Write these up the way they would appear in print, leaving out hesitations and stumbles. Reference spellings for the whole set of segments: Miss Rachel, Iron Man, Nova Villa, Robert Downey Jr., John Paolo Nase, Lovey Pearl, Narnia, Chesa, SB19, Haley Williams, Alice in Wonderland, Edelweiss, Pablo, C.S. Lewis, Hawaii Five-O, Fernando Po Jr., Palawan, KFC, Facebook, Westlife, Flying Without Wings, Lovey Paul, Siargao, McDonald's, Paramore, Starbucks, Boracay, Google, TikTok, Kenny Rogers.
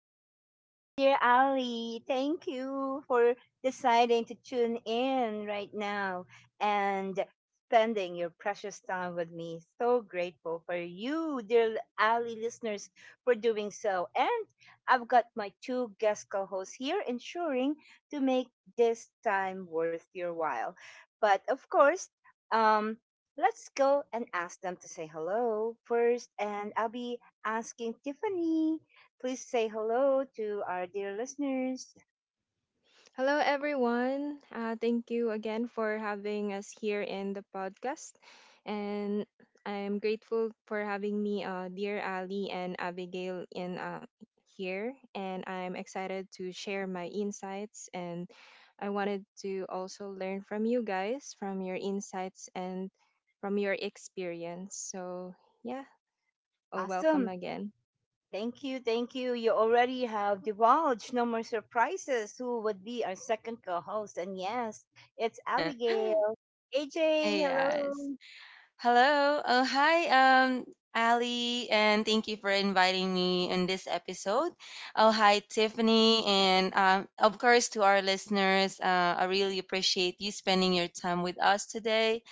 Yes, this is your dear Ali. Thank you for deciding to tune in right now and spending your precious time with me. So grateful for you, dear Ali listeners, for doing so. And I've got my two guest co-hosts here ensuring to make this time worth your while. But of course, um let's go and ask them to say hello first, and I'll be asking Tiffany. Please say hello to our dear listeners. Hello, everyone. Thank you again for having us here in the podcast. And I'm grateful for having me, dear Ali and Abigail, in here. And I'm excited to share my insights. And I wanted to also learn from you guys, from your insights and from your experience. So, yeah, oh, welcome Awesome. again. Thank you. Thank you. You already have divulged, no more surprises. Who would be our second co host? And yes, it's Abigail. AJ, Yes. hello. Hello. Oh, hi, Ali, and thank you for inviting me in this episode. Oh, hi, Tiffany, and of course to our listeners, I really appreciate you spending your time with us today.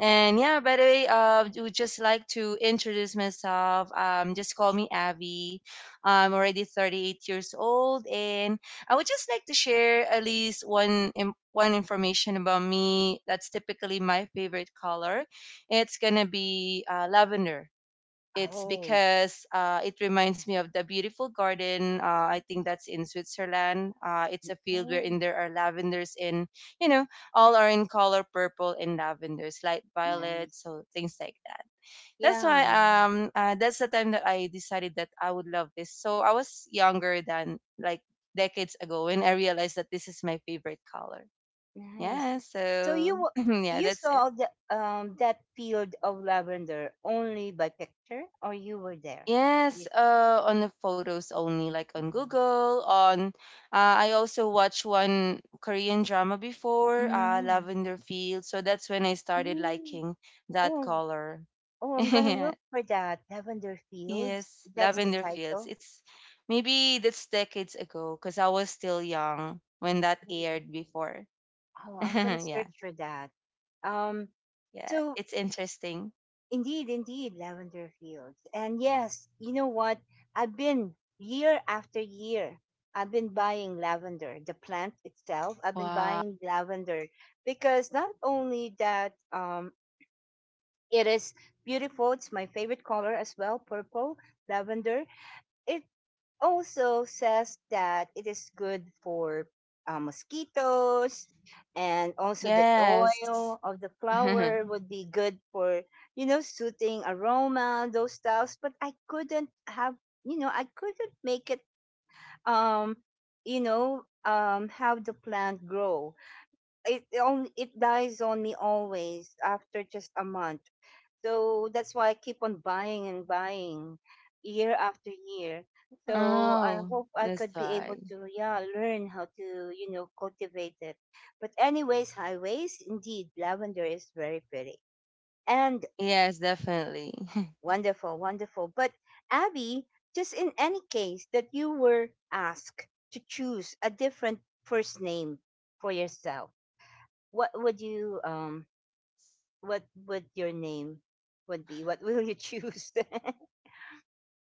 And yeah, by the way, I would just like to introduce myself. Just call me Abby. I'm already 38 years old, and I would just like to share at least one information about me. That's typically my favorite color. It's gonna be lavender. It's Oh, because it reminds me of the beautiful garden. I think that's in Switzerland. It's a field oh, wherein there are lavenders in, you know, all are in color purple and lavenders, light violet, nice. so things like that. That's why Yeah, that's the time that I decided that I would love this. So I was younger than, like, decades ago when I realized that this is my favorite color. nice. Yeah, So you so wa- yeah, you that's it. saw the, that field of lavender only by picture, or you were there? Yes, Yes. On the photos only, like on Google. On, I also watched one Korean drama before, Mm. Lavender Field. So that's when I started Mm. liking that Oh, color. oh, I'm gonna Yeah. look for that. Lavender Fields. Yes, That's the Lavender Fields. title. It's maybe that's decades ago because I was still young when that Mm. aired before. Oh, I'm gonna Yeah, search for that. Um, yeah, so it's interesting. indeed, indeed, Lavender Fields. And yes, you know what? I've been year after year. I've been buying lavender, the plant itself. I've been Wow. buying lavender because not only that, it is beautiful. It's my favorite color as well, purple lavender. It also says that it is good for mosquitoes, and also the Yes. oil of the flower would be good for you know soothing aroma, those stuffs. But I couldn't have, I couldn't make it, um have the plant grow. It only, it dies on me always after just a month. So that's why I keep on buying and buying year after year. So I Oh, hope I that's could be able why. to, yeah, learn how to, you know, cultivate it. But anyways, highways, indeed, lavender is very pretty and Yes, definitely. wonderful, wonderful. But Abby, just in any case that you were asked to choose a different first name for yourself, what would you, what would your name would be? What will you choose?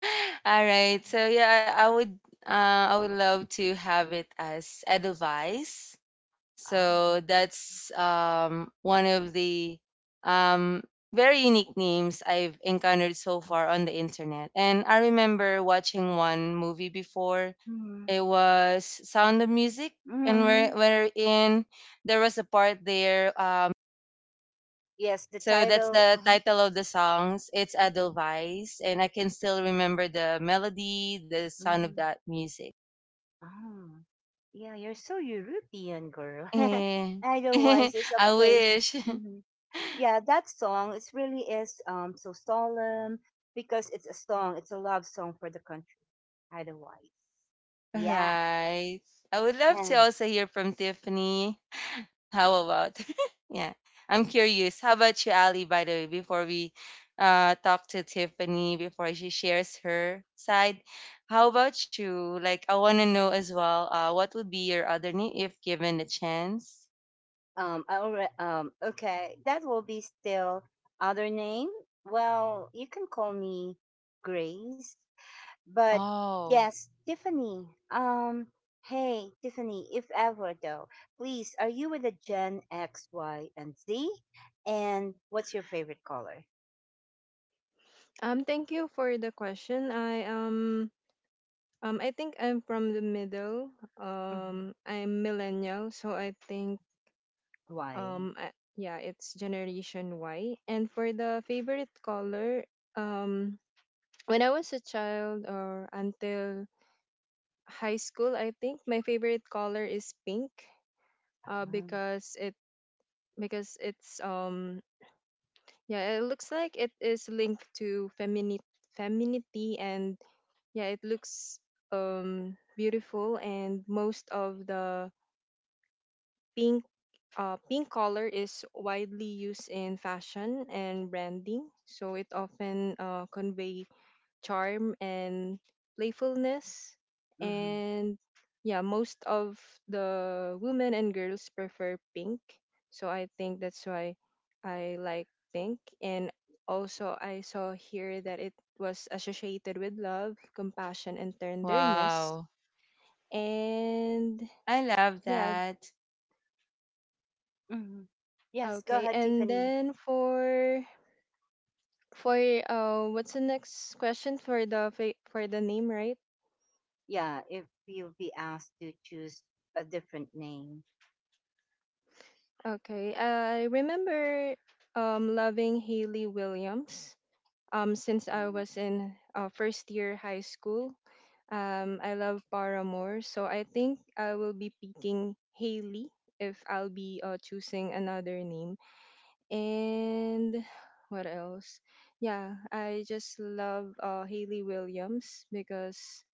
All right. So yeah, I would love to have it as Edelweiss. Oh, So that's one of the um, very unique names I've encountered so far on the internet. And I remember watching one movie before. mm, It was Sound of Music, and mhm. where in there was a part there. Yes, the So that's title. the Mhm. title of the songs. It's Mhm. Edelweiss, and I can still remember the melody, the sound of Mhm. that music. Ah. Yeah, you're so European, girl. Eh, Idlewise is a I place. wish. Mhm. Yeah, that song, it really is so solemn because it's a song. It's a love song for the country. Idlewise. Yeah. Right. I would love to And also hear from Tiffany. How about? Yeah. I'm curious. How about you, Ali, by the way, before we talk to Tiffany, before she shares her side? How about you? Like, I want to know as well, what would be your other name if given the chance? I already, okay, that will be still other name. Well, you can call me Grace. But Oh, yes, Tiffany. Um, hey, Tiffany, if ever though, please, are you with a Gen X, Y, and Z? And what's your favorite color? Thank you for the question. I think I'm from the middle. Hmm. I'm millennial, so Why? Yeah, it's Generation Y. And for the favorite color, um, when I was a child or until high school, I think my favorite color is pink. Uh, Uh-huh. because it because it's yeah, it looks like it is linked to femininity, and yeah, it looks beautiful, and most of the pink pink color is widely used in fashion and branding, so it often convey charm and playfulness. Hmm. And yeah, most of the women and girls prefer pink, so I think that's why I like pink. And also, I saw here that it was associated with love, compassion, and tenderness. wow. And I love yeah, that. Hmm. Yes, go okay. ahead, And Tiffany. then for what's the next question for the fa- for the name, right? Yeah, if you'll be asked to choose a different name. Okay, I remember loving Haley Williams since I Uh, was in first year high school. I love Paramore, so I think I will be picking Haley if I'll be choosing another name. And what else? Yeah, I just love Haley Williams because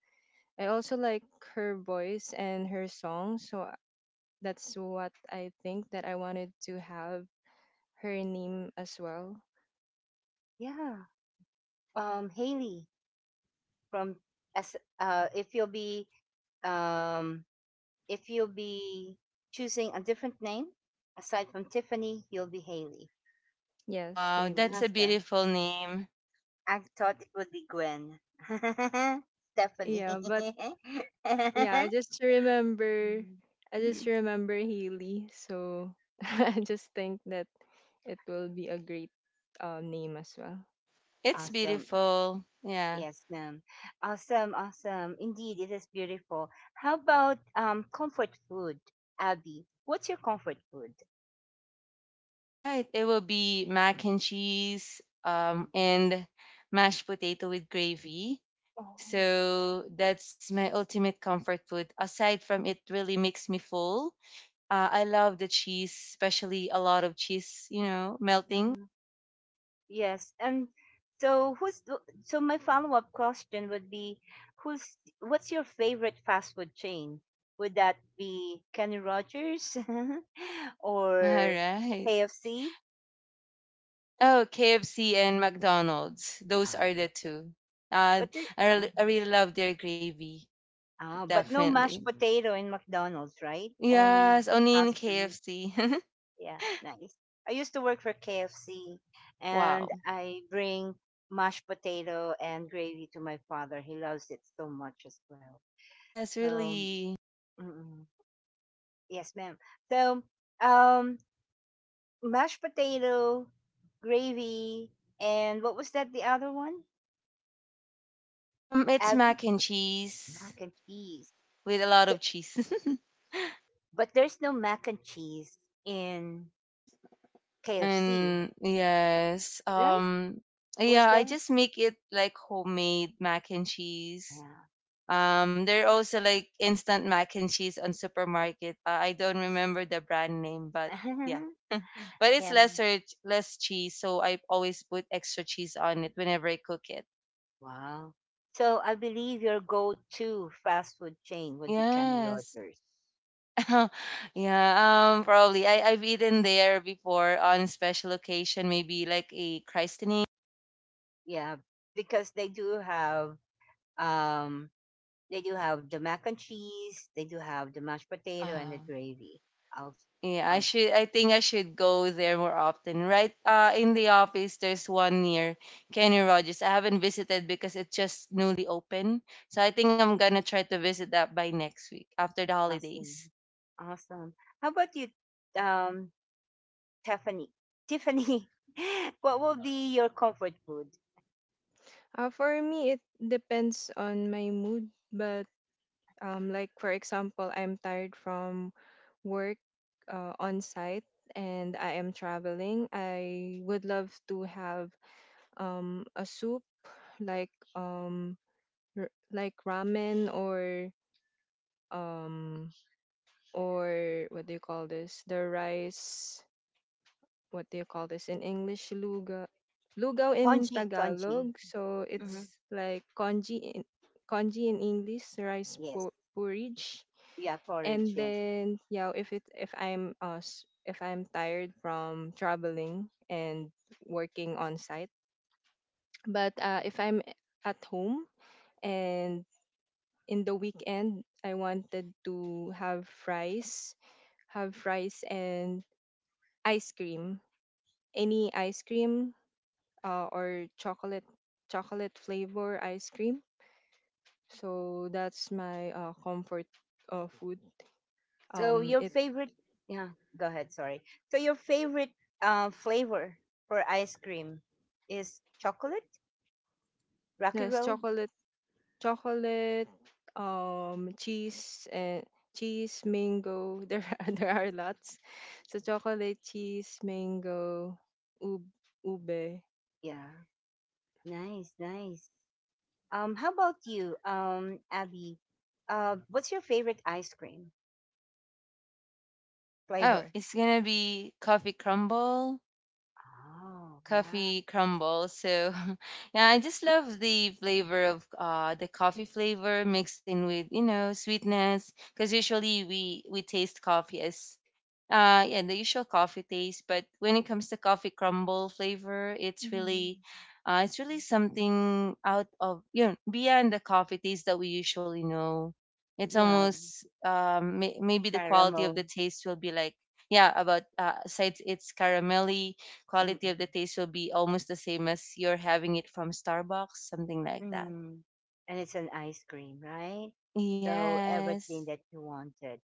I also like her voice and her song, so that's what I think, that I wanted to have her name as well. Yeah. Haley from S. Um If you'll be choosing a different name, aside from Tiffany, you'll be Haley. Yes, Wow, that's Haley. a That's the. beautiful name. I thought it would be Gwen. Stephanie. Yeah, but yeah, I just remember I just Mhm. remember Haley, so I just think that it will be a great name as well. It's Awesome. beautiful. Yeah. Yes, ma'am. Awesome, awesome. Indeed, it is beautiful. How about comfort food, Abby? What's your comfort food? Right. It will be mac and cheese and mashed potato with gravy. So that's my ultimate comfort food. Aside from it really makes me full. I love the cheese, especially a lot of cheese, you know, melting. Oh. Yes. And so who's th- so my follow-up question would be who's what's your favorite fast food chain? Would that be Kenny Rogers All or right. KFC? Oh, KFC and McDonald's. Those are the Um, two. Uh, but there, um, I really love their gravy. ah, but no Definitely. mashed potato in McDonald's, right? Only Yes, only in fast food. KFC. Yeah, nice. I used to work for KFC and Wow. I bring mashed potato and gravy to my father. He loves it so much as well. Yes, So really. mm-mm. Yes, ma'am. So, um, mashed potato, gravy, and what was that? The other one, It's Abby, mac and cheese mac and cheese. with a lot of So, cheese. but there's no mac and cheese in KFC, And yes, right? Was yeah, I there? just make it like homemade mac and cheese. There are also like instant mac and cheese on supermarket. I don't remember the brand name, but yeah, Yeah. but it's yeah. Less cheese, so I always put extra cheese on it whenever I cook it. Wow. So I believe your go-to fast food chain would be Kenny Yes. Rogers. Yeah, probably. I've eaten there before on special occasion, maybe like a christening. Yeah, because they do have um they do have the mac and cheese. They do have the mashed potato and Uh, the gravy. Aus- Yeah, I aus- should. I think I should go there more often. Right, in the office, there's one near Kenny Rogers. I haven't visited because it's just newly open. So I think I'm gonna try to visit that by next week after the Awesome. holidays. Awesome. How about you, um, Tiffany? Tiffany, what will be your comfort food? For me, it depends on my mood, but like for example, I'm tired from work on site and I am traveling. I would love to have a soup, like like ramen or um what do you call this? The rice. What do you call this in English? Luga. Lugaw in Congee, congee. Tagalog. So Mm-hmm. it's like congee in English, Yes. Porridge. Yeah, porridge. And Yes. then yeah, if I'm tired from traveling and working on site, but if I'm at home and in the weekend, I wanted to have fries, and ice cream, any ice cream or chocolate chocolate flavor ice cream. So that's my comfort food. So your It favorite? Yeah. Go ahead. Sorry. So your favorite flavor for ice cream is chocolate, rocky There's road. chocolate, chocolate, cheese, and cheese, mango. There are, lots. So chocolate, cheese, mango, ub- ube. Yeah. Nice, nice. How about you, Abby? What's your favorite ice cream Oh, flavor? it's gonna be Oh, yeah. coffee crumble. So yeah, I just love the flavor of the coffee flavor mixed in with, sweetness because usually we taste coffee as yeah, the usual coffee taste, but when it comes to coffee crumble flavor, Hmm. It's really something out of, beyond the coffee taste that we usually know. It's Yeah, almost maybe the quality of the caramel. taste will be like yeah, about sides it's caramelly quality of the Mm-mm. taste will be almost the same as you're having it from Starbucks, something like that. Mm. And it's an ice cream, right? So Yes. everything that you wanted.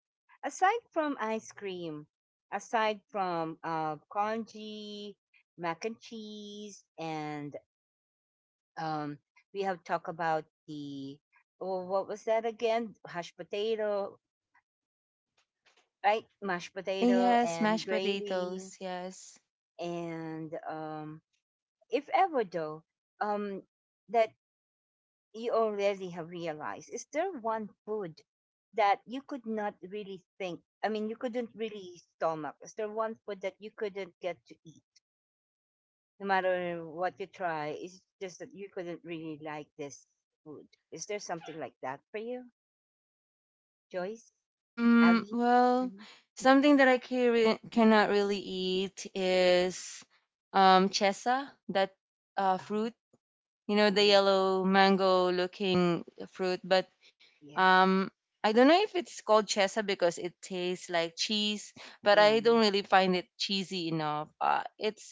Aside from ice cream, aside from congee, mac and cheese, and um, we have talked about the, oh, what was that again? Hash potato, right? Mashed potato Yes, and mashed gravy. potatoes. Yes. And if ever though, um that you already have realized, is there one food that you could not really think, I mean you couldn't really stomach? Is there one food that you couldn't get to eat? No matter what you try, it's just that you couldn't really like this food. Is there something like that for you, Joyce? Mm, Abby? well, Mhm. something that cannot really eat is chesa, that Um, fruit, you know, the yes. yellow mango looking fruit. But Yeah. Um, I don't know if it's called chesa because it tastes like cheese, but Yeah. I don't really find it cheesy enough.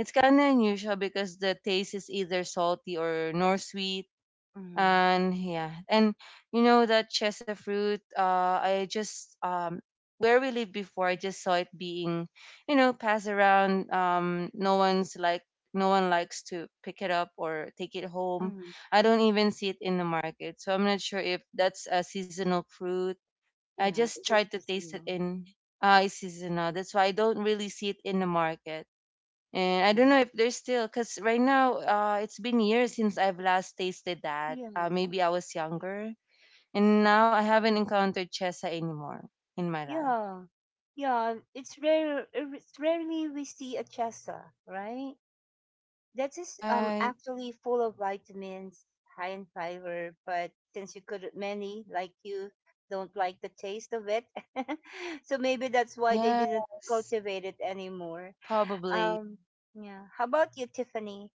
It's kind of unusual because the taste is either salty or nor sweet. Mm-hmm. And yeah, and you know that chesa fruit, I just where we lived before, I just saw it being, passed around. Um no one's like no one likes to pick it up or take it home. Mm-hmm. I don't even see it in the market, so I'm not sure if that's a seasonal fruit. I Yeah, just it tried is to taste it seasonal. in. It's seasonal, that's why I don't really see it in the market. And I Yeah. don't know if there's still, because right now, it's been years since I've last tasted that. Yeah. Maybe I was younger. And now I haven't encountered Chesa anymore in my life. Yeah. Yeah. It's rare, it's rarely we see a chesa, right? That All is right. actually full of vitamins, high in fiber, but since you don't like the taste of it. So maybe that's why they didn't Yes, cultivate it anymore. probably. Um, yeah. How about you, Tiffany?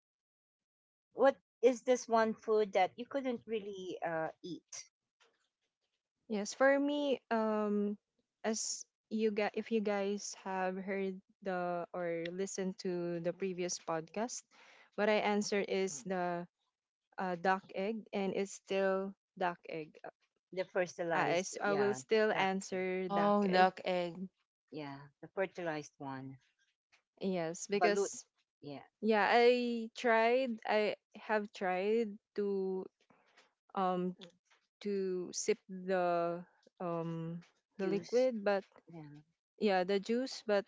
What is this one food that you couldn't really eat? Yes, for me, as you guys, if you guys have heard the or listened to the previous podcast, what I answered is the duck egg, and it's still duck egg. The fertilized? I will Yeah, still that. answer duck Oh, egg. duck egg. Yeah, the fertilized one, Yes, balut, because yeah, yeah, I tried. I have tried um to sip um the juice, liquid, but yeah, yeah, the juice, but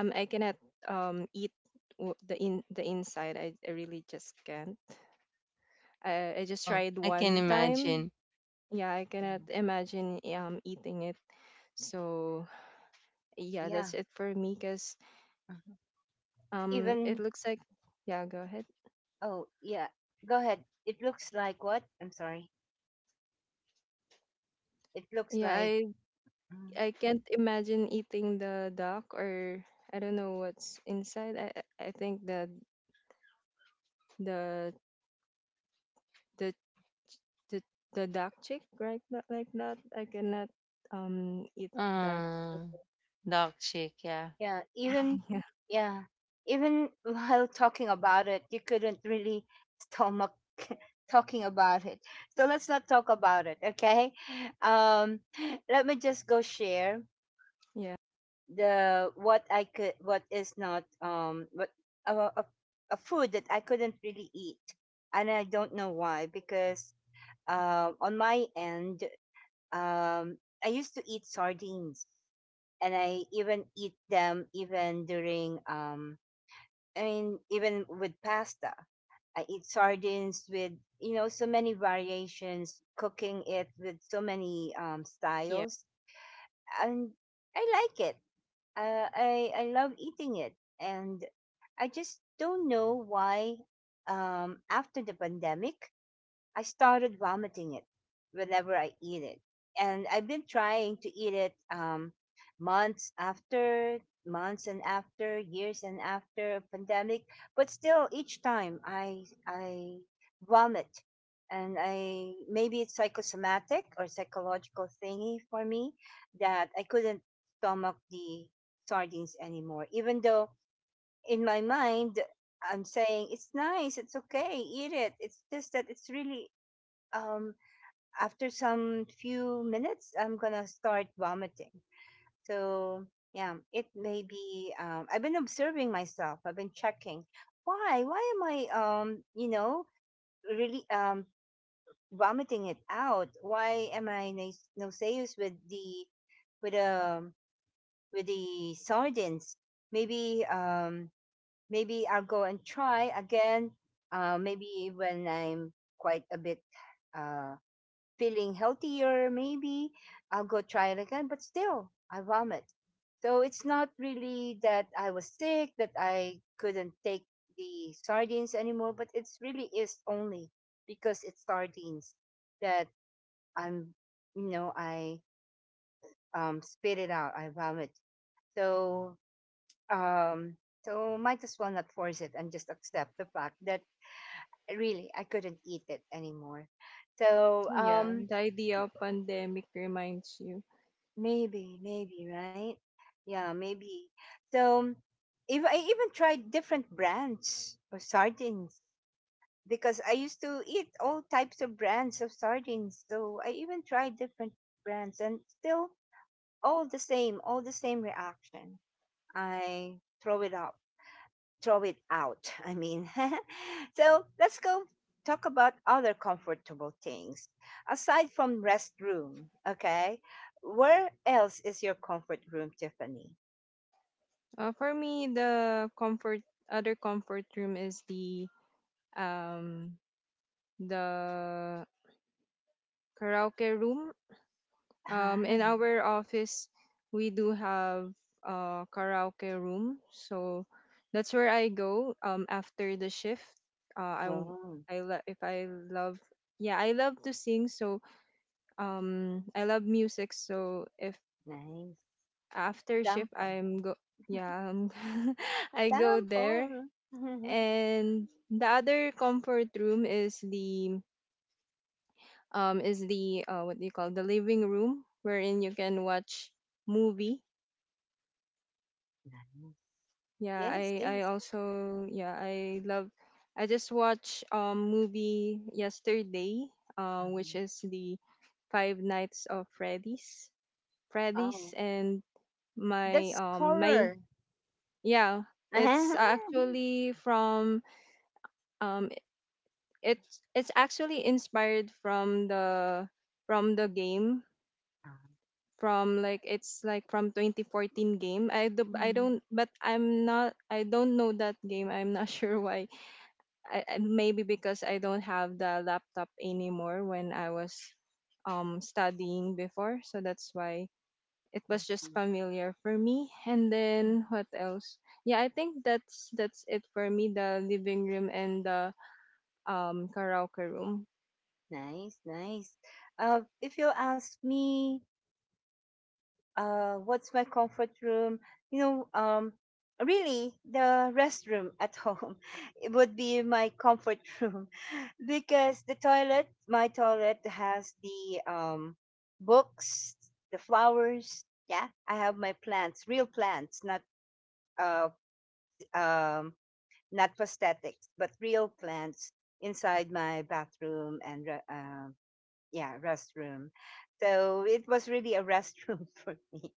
I cannot eat the inside. I really just can't. I just Oh, tried I can one time. imagine. Yeah, I yeah, cannot imagine eating it. So yeah, yeah. that's it for me. Cause Mhm. Even it looks like yeah. Go ahead. oh yeah, go ahead. It looks like what? I'm sorry. It looks Yeah, like I mm, I can't imagine eating the duck, or I don't know what's inside. I think the the the the, the duck chick, right? Not like that. I cannot eat that. Uh, Duck chick, yeah. yeah, So, even yeah, yeah, even while talking about it, you couldn't really stomach talking about it. So let's not talk about it, okay? Um, let me just go share yeah, the what I could what is not what a, a, a food that I couldn't really eat, and I don't know why. Because on my end, um I used to eat sardines, and I even eat them even during I mean even with pasta, I eat sardines with you know so many variations, cooking it with so many yeah, styles, and I like it. I love eating it, and I just don't know why. After the pandemic, I started vomiting it whenever I eat it. And I've been trying to eat it months after, months and after, years and after a pandemic. But still, each time I vomit. And I maybe it's psychosomatic or psychological thingy for me that I couldn't stomach the sardines anymore. Even though in my mind I'm saying it's nice, it's okay, eat it. It's just that it's really um after some few minutes I'm gonna start vomiting. So yeah, it may be, I've been observing myself, I've been checking why am I you know, really, vomiting it out. Why am I nas- nauseous with the, with um with the sardines? Maybe, maybe I'll go and try again. Uh, maybe when I'm quite a bit uh feeling healthier, maybe I'll go try it again. But still, I vomit. So it's not really that I was sick, that I couldn't take the sardines anymore, but it's really is only because it's sardines that I'm, you know, I spit it out, I vomit. So, um, so might as well not force it and just accept the fact that really I couldn't eat it anymore. So, yeah. The idea of pandemic reminds you. maybe, maybe, right? Yeah, maybe. So, if I even tried different brands of sardines because I used to eat all types of brands of sardines. So I even tried different brands, and still, all the same reaction. I throw it up, throw it out. I mean, so let's go talk about other comfortable things aside from restroom. Okay, where else is your comfort room, Tiffany? For me, the comfort other comfort room is the um the karaoke room. Ah, In our office, we do have a karaoke room, so that's where I go after the shift. I w- oh, I lo- if I love yeah, I love to sing, so I love music. So if nice. after shift Sample, I'm go yeah I go there, sample. Nice. and the other comfort room is the what do you call, the living room wherein you can watch movie. Yeah, I Yes, I yes. also, yeah, I love, I just watched movie yesterday, which Mhm. is the Five Nights of Freddy's. Oh, Freddy's, and my that's my horror. yeah, it's Ah, actually from um it's actually inspired from the game from like it's like from 2014 game. I mhm. don't, but I'm not, I don't know that game. I'm not sure why maybe because I don't have the laptop anymore when I was studying before. So that's why it was just familiar for me. And then what else? Yeah, I think that's it for me. The living room and the karaoke room. Nice, nice. If you ask me, what's my comfort room? You know, really, the restroom at home it would be my comfort room because the toilet, my toilet has the books, the flowers. Yeah, I have my plants, real plants, not uh, um, not prosthetics, but real plants inside my bathroom and yeah, restroom. So it was really a restroom for me.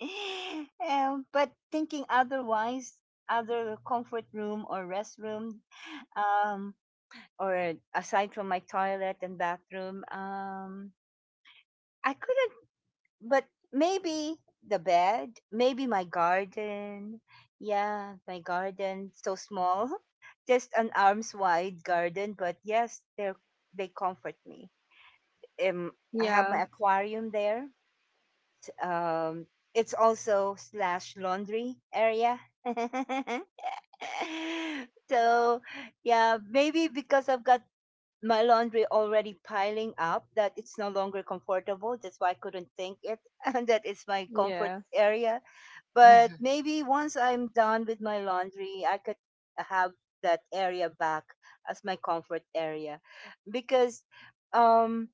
Um, but thinking otherwise, other comfort room or restroom, um, or aside from my toilet and bathroom, I couldn't. But maybe the bed, maybe my garden. Yeah, my garden so small, just an arm's wide garden. But yes, they comfort me, um, I have Yeah, my aquarium there. Um, it's also slash laundry area. So yeah, maybe because I've got my laundry already piling up that it's no longer comfortable. That's why I couldn't think it and that it's my comfort yeah. area. But maybe once I'm done with my laundry, I could have that area back as my comfort area because um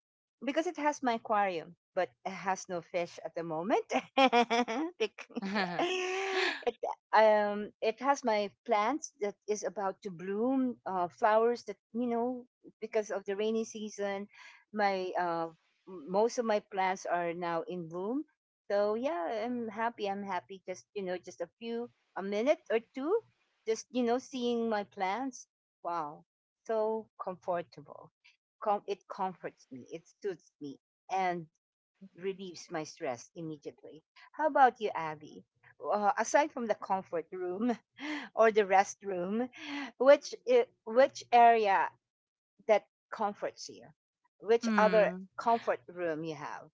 because it has my aquarium but it has no fish at the moment. Bec- it it has my plants that is about to bloom flowers that because of the rainy season my most of my plants are now in bloom. So yeah, I'm happy. I'm happy. Just just a few, a minute or two, just seeing my plants. Wow, so comfortable. It comforts me. It suits me and relieves my stress immediately. How about you, Abby? Aside from the comfort room or the restroom, which area that comforts you? Which other Hmm. comfort room you have?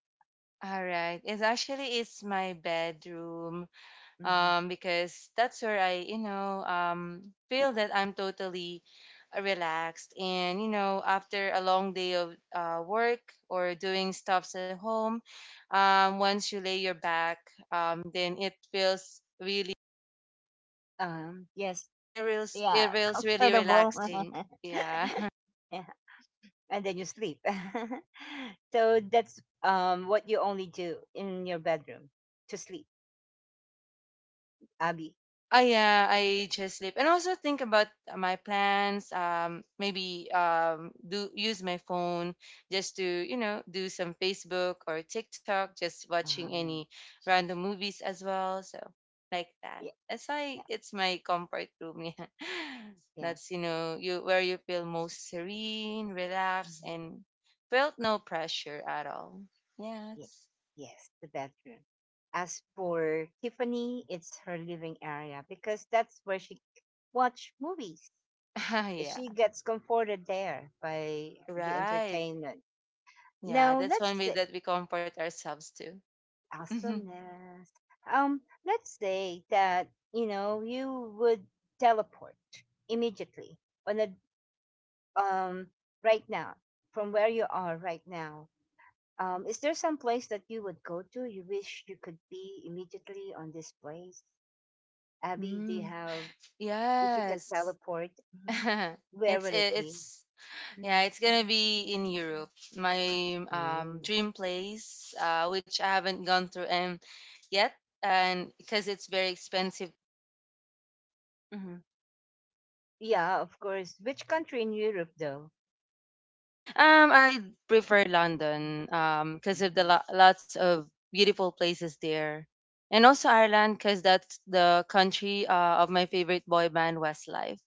All right. It's actually it's my bedroom Hmm. Because that's where I, you know, feel that I'm totally relaxed. And, you know, after a long day of work or doing stuffs at home, once you lay your back, then it feels really, yes. Yeah, it feels really comfortable. relaxing. Yeah. Yeah, and then you sleep. So that's what you only do in your bedroom, to sleep, Abby. Oh yeah, I just sleep and also think about my plans. Maybe do use my phone just to, you know, do some Facebook or TikTok, just watching any Um, random movies as well. So like that. yeah, That's why yeah, it's my comfort room. Yeah, yeah. that's, you know, you where you feel most serene, relaxed, Mhm. and felt no pressure at all. Yes, Yes. yes, the bedroom. As for Tiffany, it's her living area because that's where she watch movies. Yeah. She gets comforted there by the Right. entertainment. Yeah. Now That's one let's— way that we comfort ourselves too. Mhm. awesomeness. Let's say that you know you would teleport immediately on a um right now from where you are right now. Is there some place that you would go to? You wish you could be immediately on this place, Abby. Do you Mm, have, if you could yes. teleport? Mhm. Where It's will it it- be? it's Mm. yeah, It's gonna be in Europe. My dream place, which I haven't gone through and yet, and because it's very expensive. Mm-hmm. Yeah, of course. Which country in Europe, though? I prefer London. Because of the lots of beautiful places there, and also Ireland, because that's the country of my favorite boy band Westlife.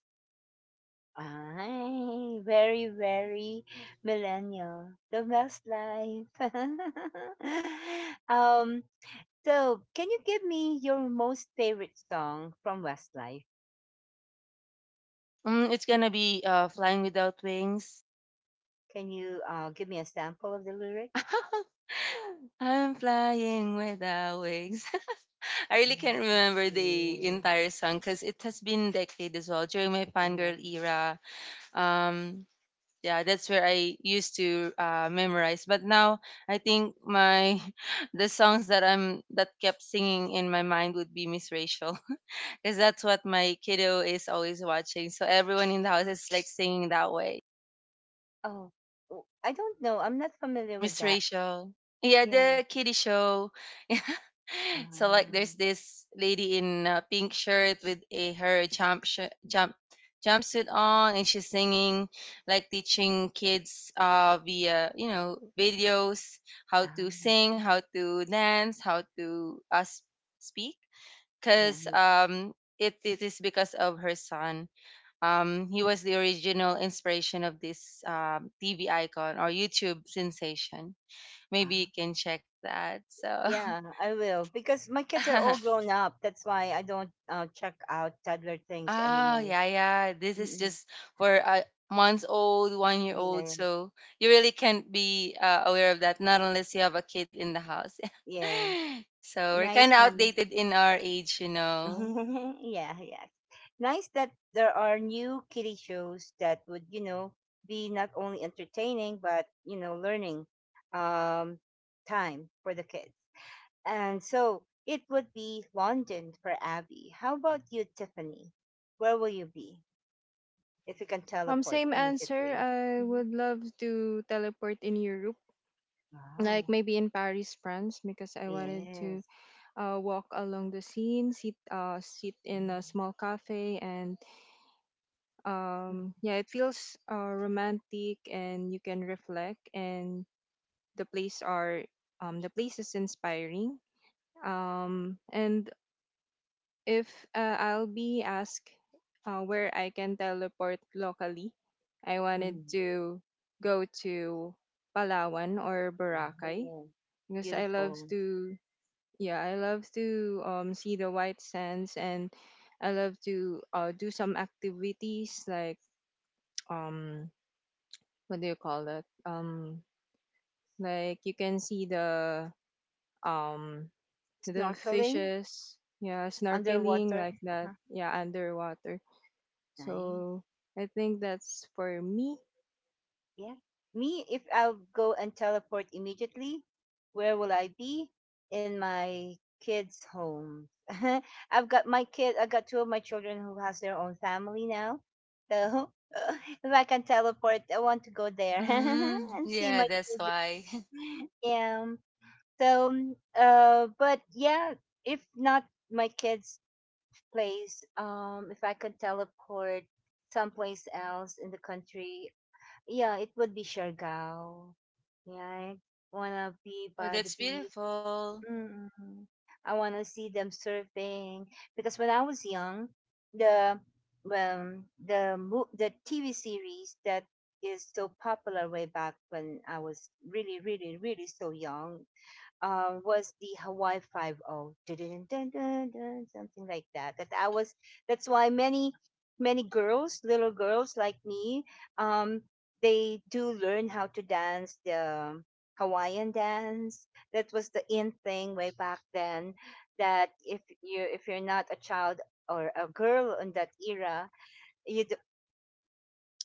Ay, very, very millennial. Yes. The best life. um, so can you give me your most favorite song from Westlife? Mm, it's gonna be Flying Without Wings. Can you give me a sample of the lyrics? I'm flying without wings. I really can't remember the entire song because it has been decade as well during my fangirl era. Um, yeah, that's where I used to memorize. But now I think my the songs that I'm that kept singing in my mind would be Miss Rachel because that's what my kiddo is always watching. So everyone in the house is like singing that way. Oh, oh, I don't know. I'm not familiar Miss with that. Rachel. Yeah, the Yeah. kiddie show. Yeah. So like there's Um. this lady in a pink shirt with a her jumpsuit on, and she's singing, like, teaching kids via, you know, videos, how to sing, how to dance, how to speak, because it is because of her son. He was the original inspiration of this TV icon or YouTube sensation. Maybe you Um. can check that. So Yeah, I will because my kids are all grown up. That's why I don't check out toddler things ah, anymore. yeah, yeah. This is Mm-mm. just for a months old, 1-year-old old. Yes, So you really can't be aware of that, not unless you have a kid in the house. yes. So we're kind Nice, of nice. outdated in our age, you know. Yeah, yeah. Nice that there are new kiddie shows that would, you know, be not only entertaining but, you know, learning um, time for the kids. And so it would be London for Abby. How about you, Tiffany? Where will you be? If you can teleport Same answer. immediately. I would Mhm. love to teleport in Europe, like Wow. maybe in Paris, France, because I wanted to Yes. Walk along the scene, sit in a small cafe, and yeah, it feels romantic, and you can reflect, and the place are the place is inspiring. And if I'll be asked where I can teleport locally, I wanted Mhm. to go to Palawan or Boracay, Yeah. because I love Beautiful. to yeah, I love to see the white sands, and I love to do some activities like um what do you call it? Like, you can see um the Snorkeling fishes, yeah, snorkeling underwater. like that, Uh-huh. yeah, underwater. Nice. So I think that's for me. Yeah. Me, if I'll go and teleport immediately, where will I be? In my kids' home. I've got my kid. I got two of my children who has their own family now. So if I can teleport, I want to go there Mm, and see yeah, my that's children. why. Yeah. So, but yeah, if not my kids' place, if I could teleport someplace else in the country, yeah, it would be Siargao. Yeah, I wanna be Wow, by the that's beach. beautiful. Mm. I wanna see them surfing because when I was young, the the TV series that is so popular way back when I was really, really, really so young was the Hawaii Five O, something like that. That I was. That's why many many girls, little girls like me, um, they do learn how to dance the Hawaiian dance. That was the in thing way back then. That if you're not a child or a girl in that era, you d-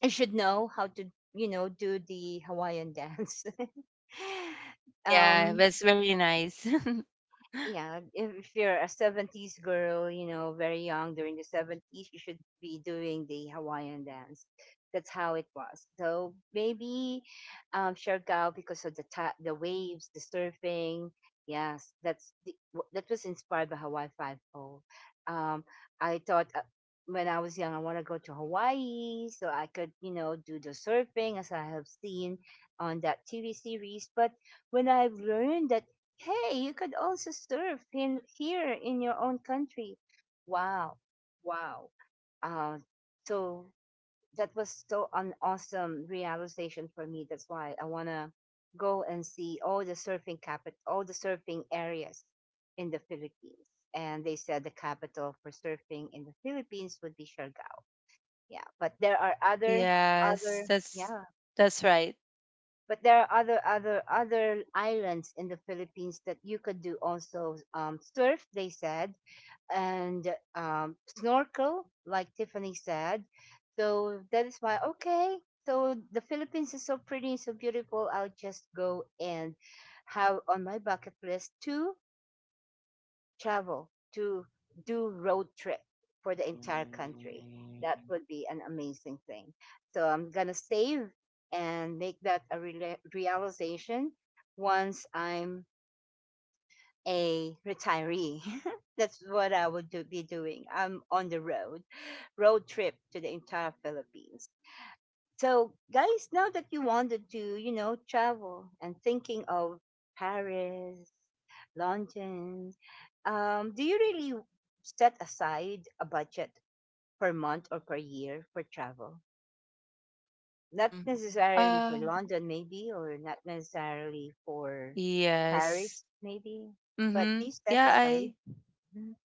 you should know how to, you know, do the Hawaiian dance. Oh yeah, um, that's very nice. yeah, if you're a 70s girl, you know, very young during the 70s, you should be doing the Hawaiian dance. That's how it was. So maybe Siargao, because of the the waves, the surfing, yes, that's the, that was inspired by Hawaii Five-O. Um, I thought when I was young, I want to go to Hawaii so I could, you know, do the surfing as I have seen on that TV series. But when I've learned that, hey, you could also surf in here in your own country. Wow. Wow. Uh, so that was so an awesome realization for me. That's why I want to go and see all the surfing capital, all the surfing areas in the Philippines. And they said the capital for surfing in the Philippines would be Siargao. Yeah, but there are other Yes, other yeah, that's right. but there are other islands in the Philippines that you could do also surf, they said, and snorkel, like Tiffany said. So that is why, okay. So the Philippines is so pretty and so beautiful. I'll just go and have on my bucket list to travel to, do road trip for the entire country. That would be an amazing thing. So I'm gonna save and make that a rela realization once I'm a retiree. That's what I would do, be doing. I'm on the road, road trip to the entire Philippines. So, guys, now that you wanted to, you know, travel and thinking of Paris, London, do you really set aside a budget per month or per year for travel? Not Mm. necessarily for Uh, London, maybe, or not necessarily for Paris, yes. maybe, but do Mhm. you set aside? Mhm.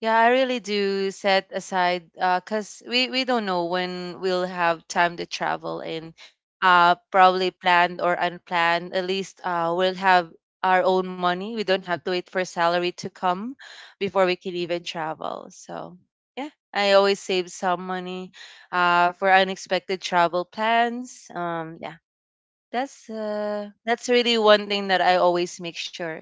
Yeah, I really do set aside 'cause we don't know when we'll have time to travel, and probably planned or unplanned. At least we'll have our own money. We don't have to wait for salary to come before we can even travel. So yeah, I always save some money for unexpected travel plans. Yeah. That's really one thing that I always make sure.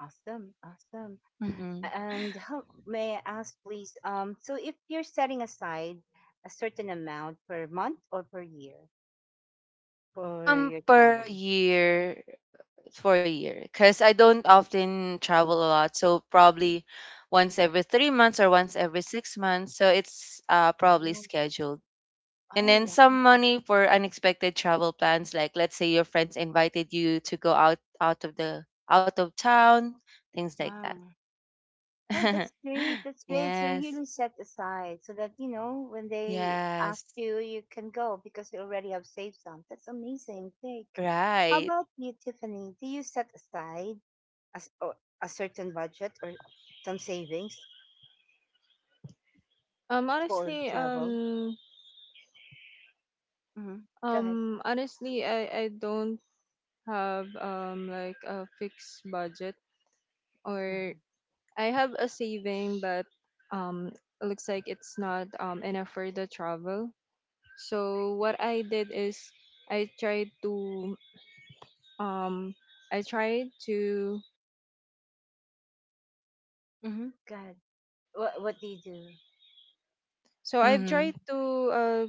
Awesome, awesome. Mhm. And how, may I ask, please? So if you're setting aside a certain amount per month or per year for your Per travel? year, for a year, because I don't often travel a lot. So probably once every 3 months or once every 6 months. So it's probably Mhm. scheduled. And Oh, then wow. some money for unexpected travel plans, like, let's say your friends invited you to go out out of the out of town, things like that. Wow. Oh, that's great. That's great. So Yes, really set aside so that, you know, when they yes, ask you, you can go because you already have saved some. That's amazing. Thank. How right. about you, Tiffany? Do you set aside a, or a certain budget or some savings for Honestly, travel? Hmm. Go ahead. Honestly, I don't have like a fixed budget, or Mm-hmm. I have a saving, but um, it looks like it's not enough for the travel. So what I did is, I tried to um, I tried to Mm-hmm. God, what do you do? I've tried Mm-hmm. to uh,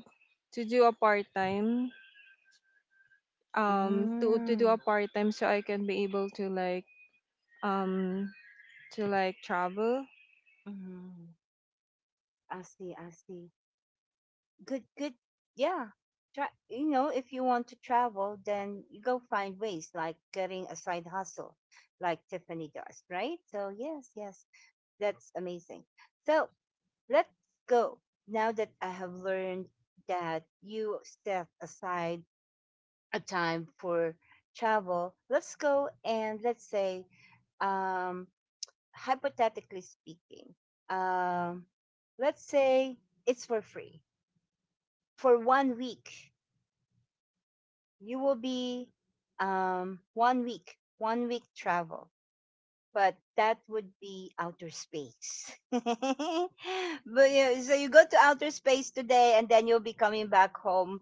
do a part time, Mm. So I can be able um to like travel. Mm-hmm. I see. I see. Good. Good. Yeah. Try. You know, if you want to travel, then you go find ways like getting a side hustle, like Tiffany does, right? So yes, yes, that's amazing. So let's go. Now that I have learned that you set aside a time for travel, let's go and let's say um hypothetically speaking, um, let's say it's for free for 1 week. You will be 1 week travel, but that would be outer space. But yeah, so you go to outer space today, and then you'll be coming back home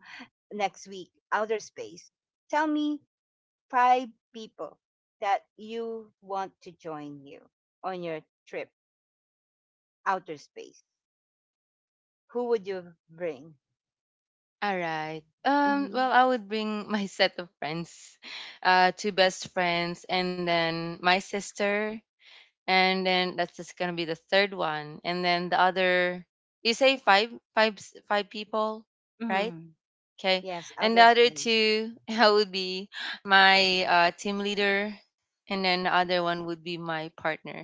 next week. Outer space. Tell me five people that you want to join you on your trip outer space. Who would you bring? All right. Mm-hmm. Well, I would bring my set of friends, two best friends, and then my sister, and then that's just gonna be the third one, and then the other. You say five, five people, right? Mm-hmm. Okay, Yes, and the outer other space. two, I would be my team leader, and then the other one would be my partner.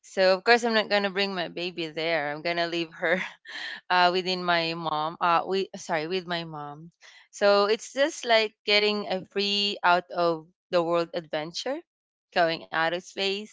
So of course, I'm not gonna bring my baby there. I'm gonna leave her within my mom. With my mom. So it's just like getting a free out of the world adventure, going out of space,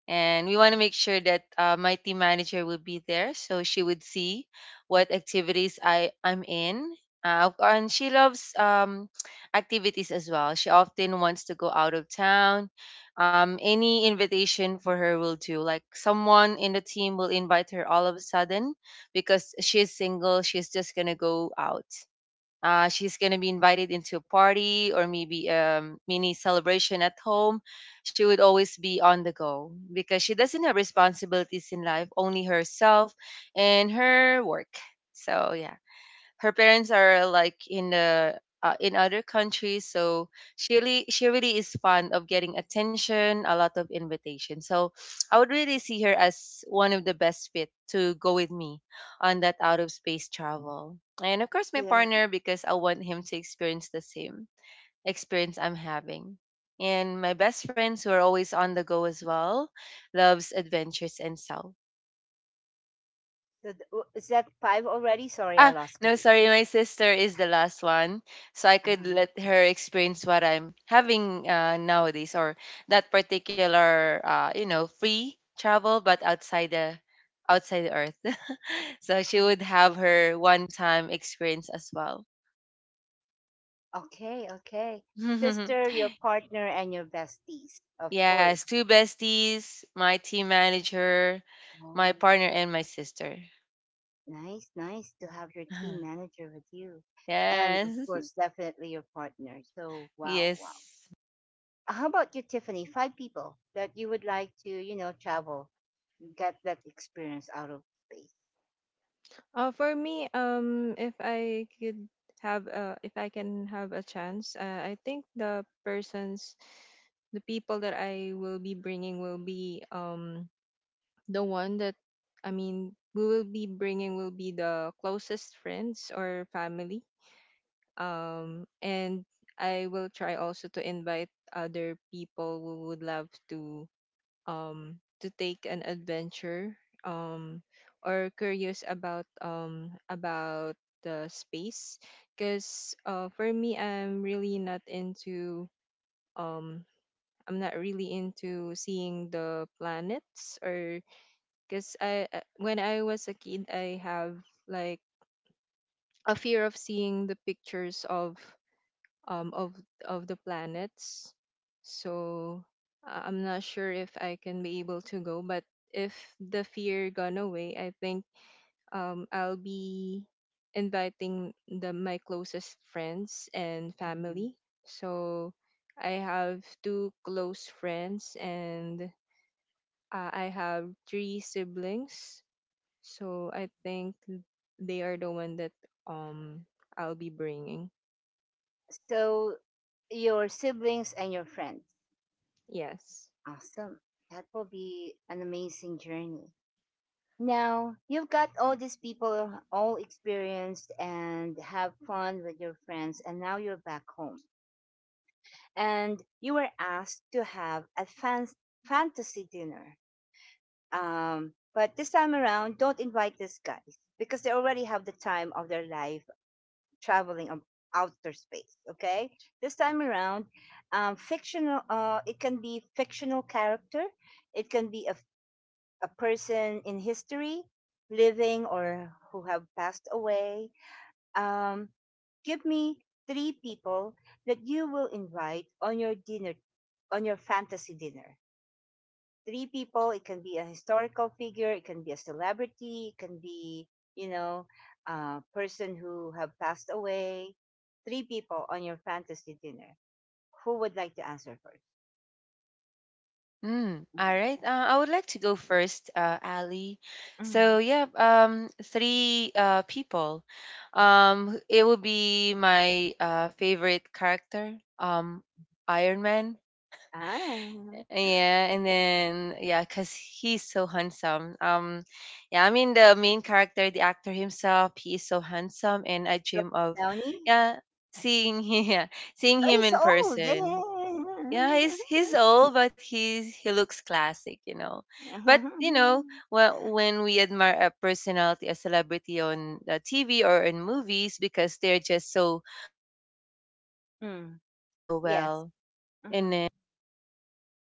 and we want to make sure that my team manager will be there so she would see what activities I'm in. And she loves activities as well. She often wants to go out of town. Any invitation for her will do. Like someone in the team will invite her all of a sudden because she's single. She's just going to go out. She's going to be invited into a party or maybe a mini celebration at home. She would always be on the go because she doesn't have responsibilities in life, only herself and her work. So, yeah, her parents are like in the in other countries, so she really is fond of getting attention, a lot of invitation, so I would really see her as one of the best fit to go with me on that out of space travel. And of course my So, partner, because I want him to experience the same experience I'm having, and my best friends who are always on the go as well, loves adventures and self. Is that five already? Sorry, I Ah, lost no, count. sorry. My sister is the last one, so I could Uh-huh. let her experience what I'm having nowadays, or that particular, free travel, but outside the earth. So she Uh-huh. would have her one-time experience as well. Okay, okay. Sister, your partner, and your besties, of Yes, course. two besties, my team manager, my Oh, partner, and my sister. nice, nice to have your team manager with you. And of Yes. course, definitely your partner. So, wow, wow. Yes. How about you, Tiffany? Five people that you would like to, you know, travel, get that experience out of space. For me, if I could have, if I can have a chance, I think the persons, the people that I will be bringing will be the one that, I mean, we will be bringing, will be the closest friends or family. And I will try also to invite other people who would love to take an adventure, um, or curious about the space, because for me, I'm really not into um, I'm not really into seeing the planets or because I when I was a kid, I have like a fear of seeing the pictures of um, of of the planets. So I'm not sure if I can be able to go, but if the fear gone away, I think I'll be inviting the my closest friends and family. So I have two close friends, and I have three siblings. So I think they are the one that um I'll be bringing. So your siblings and your friends. Yes. Awesome. That will be an amazing journey. Now, you've got all these people all experienced and have fun with your friends, and now you're back home. And you were asked to have a fantasy dinner. But this time around, don't invite these guys because they already have the time of their life traveling of outer space. Okay, this time around, fictional. It can be fictional character. It can be a person in history, living or who have passed away. Um, Give me three people that you will invite on your dinner, on your fantasy dinner, three people. It can be a historical figure, it can be a celebrity, it can be, you know, a person who have passed away. Three people on your fantasy dinner. Who would like to answer first? All right. I would like to go first, Ali. Mm-hmm. So yeah, three people. It would be my favorite character, Iron Man. Ah, Yeah, and then cause he's so handsome. Yeah, I mean the main character, the actor himself, he is so handsome, and I Robert dream of. Downey. Yeah, seeing him, yeah, seeing Oh, him he's in person. old. Yeah, he's old, but he looks classic. But well, when we admire a personality, a celebrity on TV or in movies, because they're just so good looking, their Mm, acting is so yes. well. And Mm-hmm. then,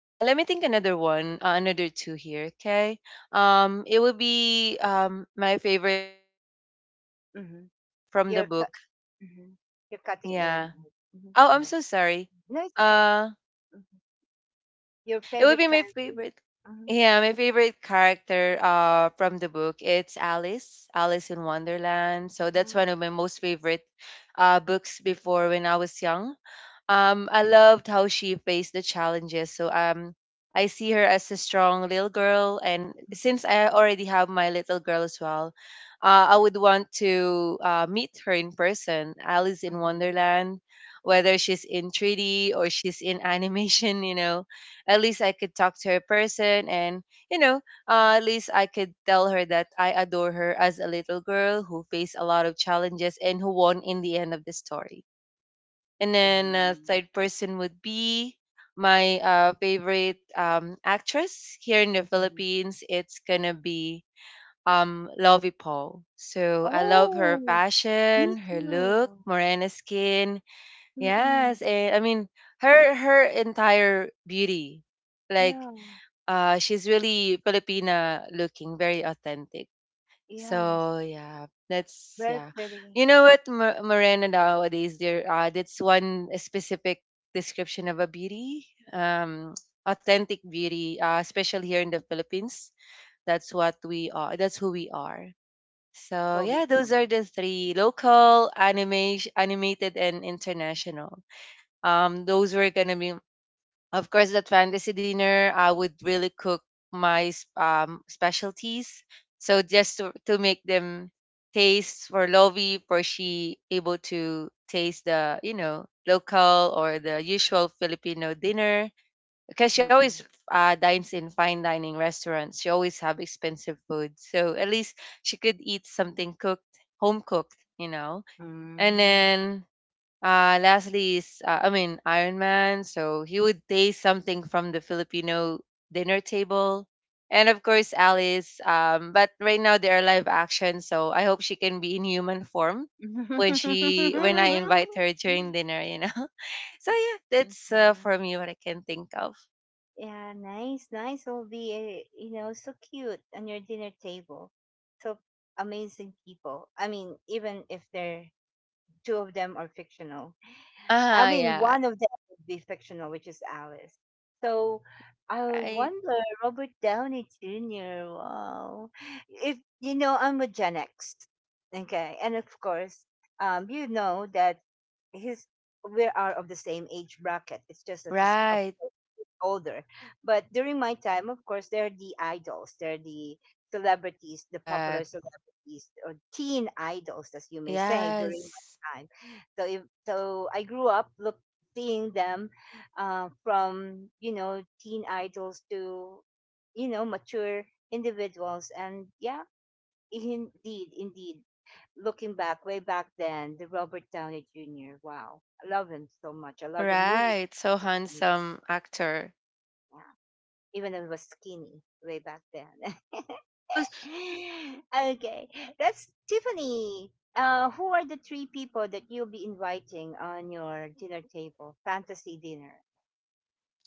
let me think another one, another two here. Okay, it would be my favorite character as well, Mm-hmm. From the You're book. Mhm. You're cutting in and Yeah. out. Mhm. Go Oh, I'm ahead. so sorry. No, it's okay. Uh. Hmm. Your It would favorite be my country? favorite. Yeah, my favorite character from the book. It's Alice, Alice in Wonderland. So that's Mm, one of my most favorite books before when I was young. I loved how she faced the challenges. So I see her as a strong little girl, and mhm, since I already have my little girl as well, I would want to meet her in person, Alice in mhm. Wonderland, whether she's in 3D or she's in animation. At least I could talk to her person, and you know at least I could tell her that I adore her as a little girl who faced a lot of challenges and who won in the end of the story. And then Um, third person would be my favorite actress here in the mhm. Philippines. It's gonna be Lovey Paul. So I love her Oh, me fashion, her look, too. morena skin. Mm-mm. Yes, and I mean her entire beauty. Like Yeah, she's really Filipina looking, very authentic. yes. So yeah, that's Very yeah. pretty. You know what, Morena nowadays there, that's one specific description of a beauty, um, authentic beauty, especially here in the Philippines. That's what we are. That's who we are. So yeah, Lobby those song. are the three: local, anime, animated, and international. Those were gonna be, of course, that fantasy dinner, I would really cook my specialties. So just to make them taste for Lovi, for she able to taste the local or the usual Filipino dinner. Because she always Mm-mm. Dines in fine dining restaurants. She always have expensive food. So at least she could eat something cooked, Home cooked. And Mm. then lastly is, I mean, Iron Man. So he would taste something from the Filipino dinner table. And of course, Alice. But right now they are live action. So I hope she can be in human form when I invite her during dinner. So yeah, that's Okay. For me what I can think of. Yeah, nice, nice. Will be, you know, so cute on your dinner table. So amazing people. I mean, even if they're two of them are fictional, I mean, Yeah. one of them would be fictional, which is Alice. So I Right. wonder, Robert Downey Jr. Wow, if you know, I'm a Gen X, okay, and of course, you know that his we are of the same age bracket. It's just that it's of Right. course he's older, but during my time, of course, they're the idols, they're the celebrities, the Uh, popular celebrities or teen idols, as you may say, during my yes. time. So if, so I grew up look seeing them from, you know, teen idols to, you know, mature individuals, and yeah, indeed, indeed. Looking back, way back then, the Robert Downey Jr. Wow, I love him so much. I love the movies. Right. So handsome actor. Yeah, even though he was skinny way back then. He was Okay, that's Tiffany. Who are the three people that you'll be inviting on your dinner table, fantasy dinner?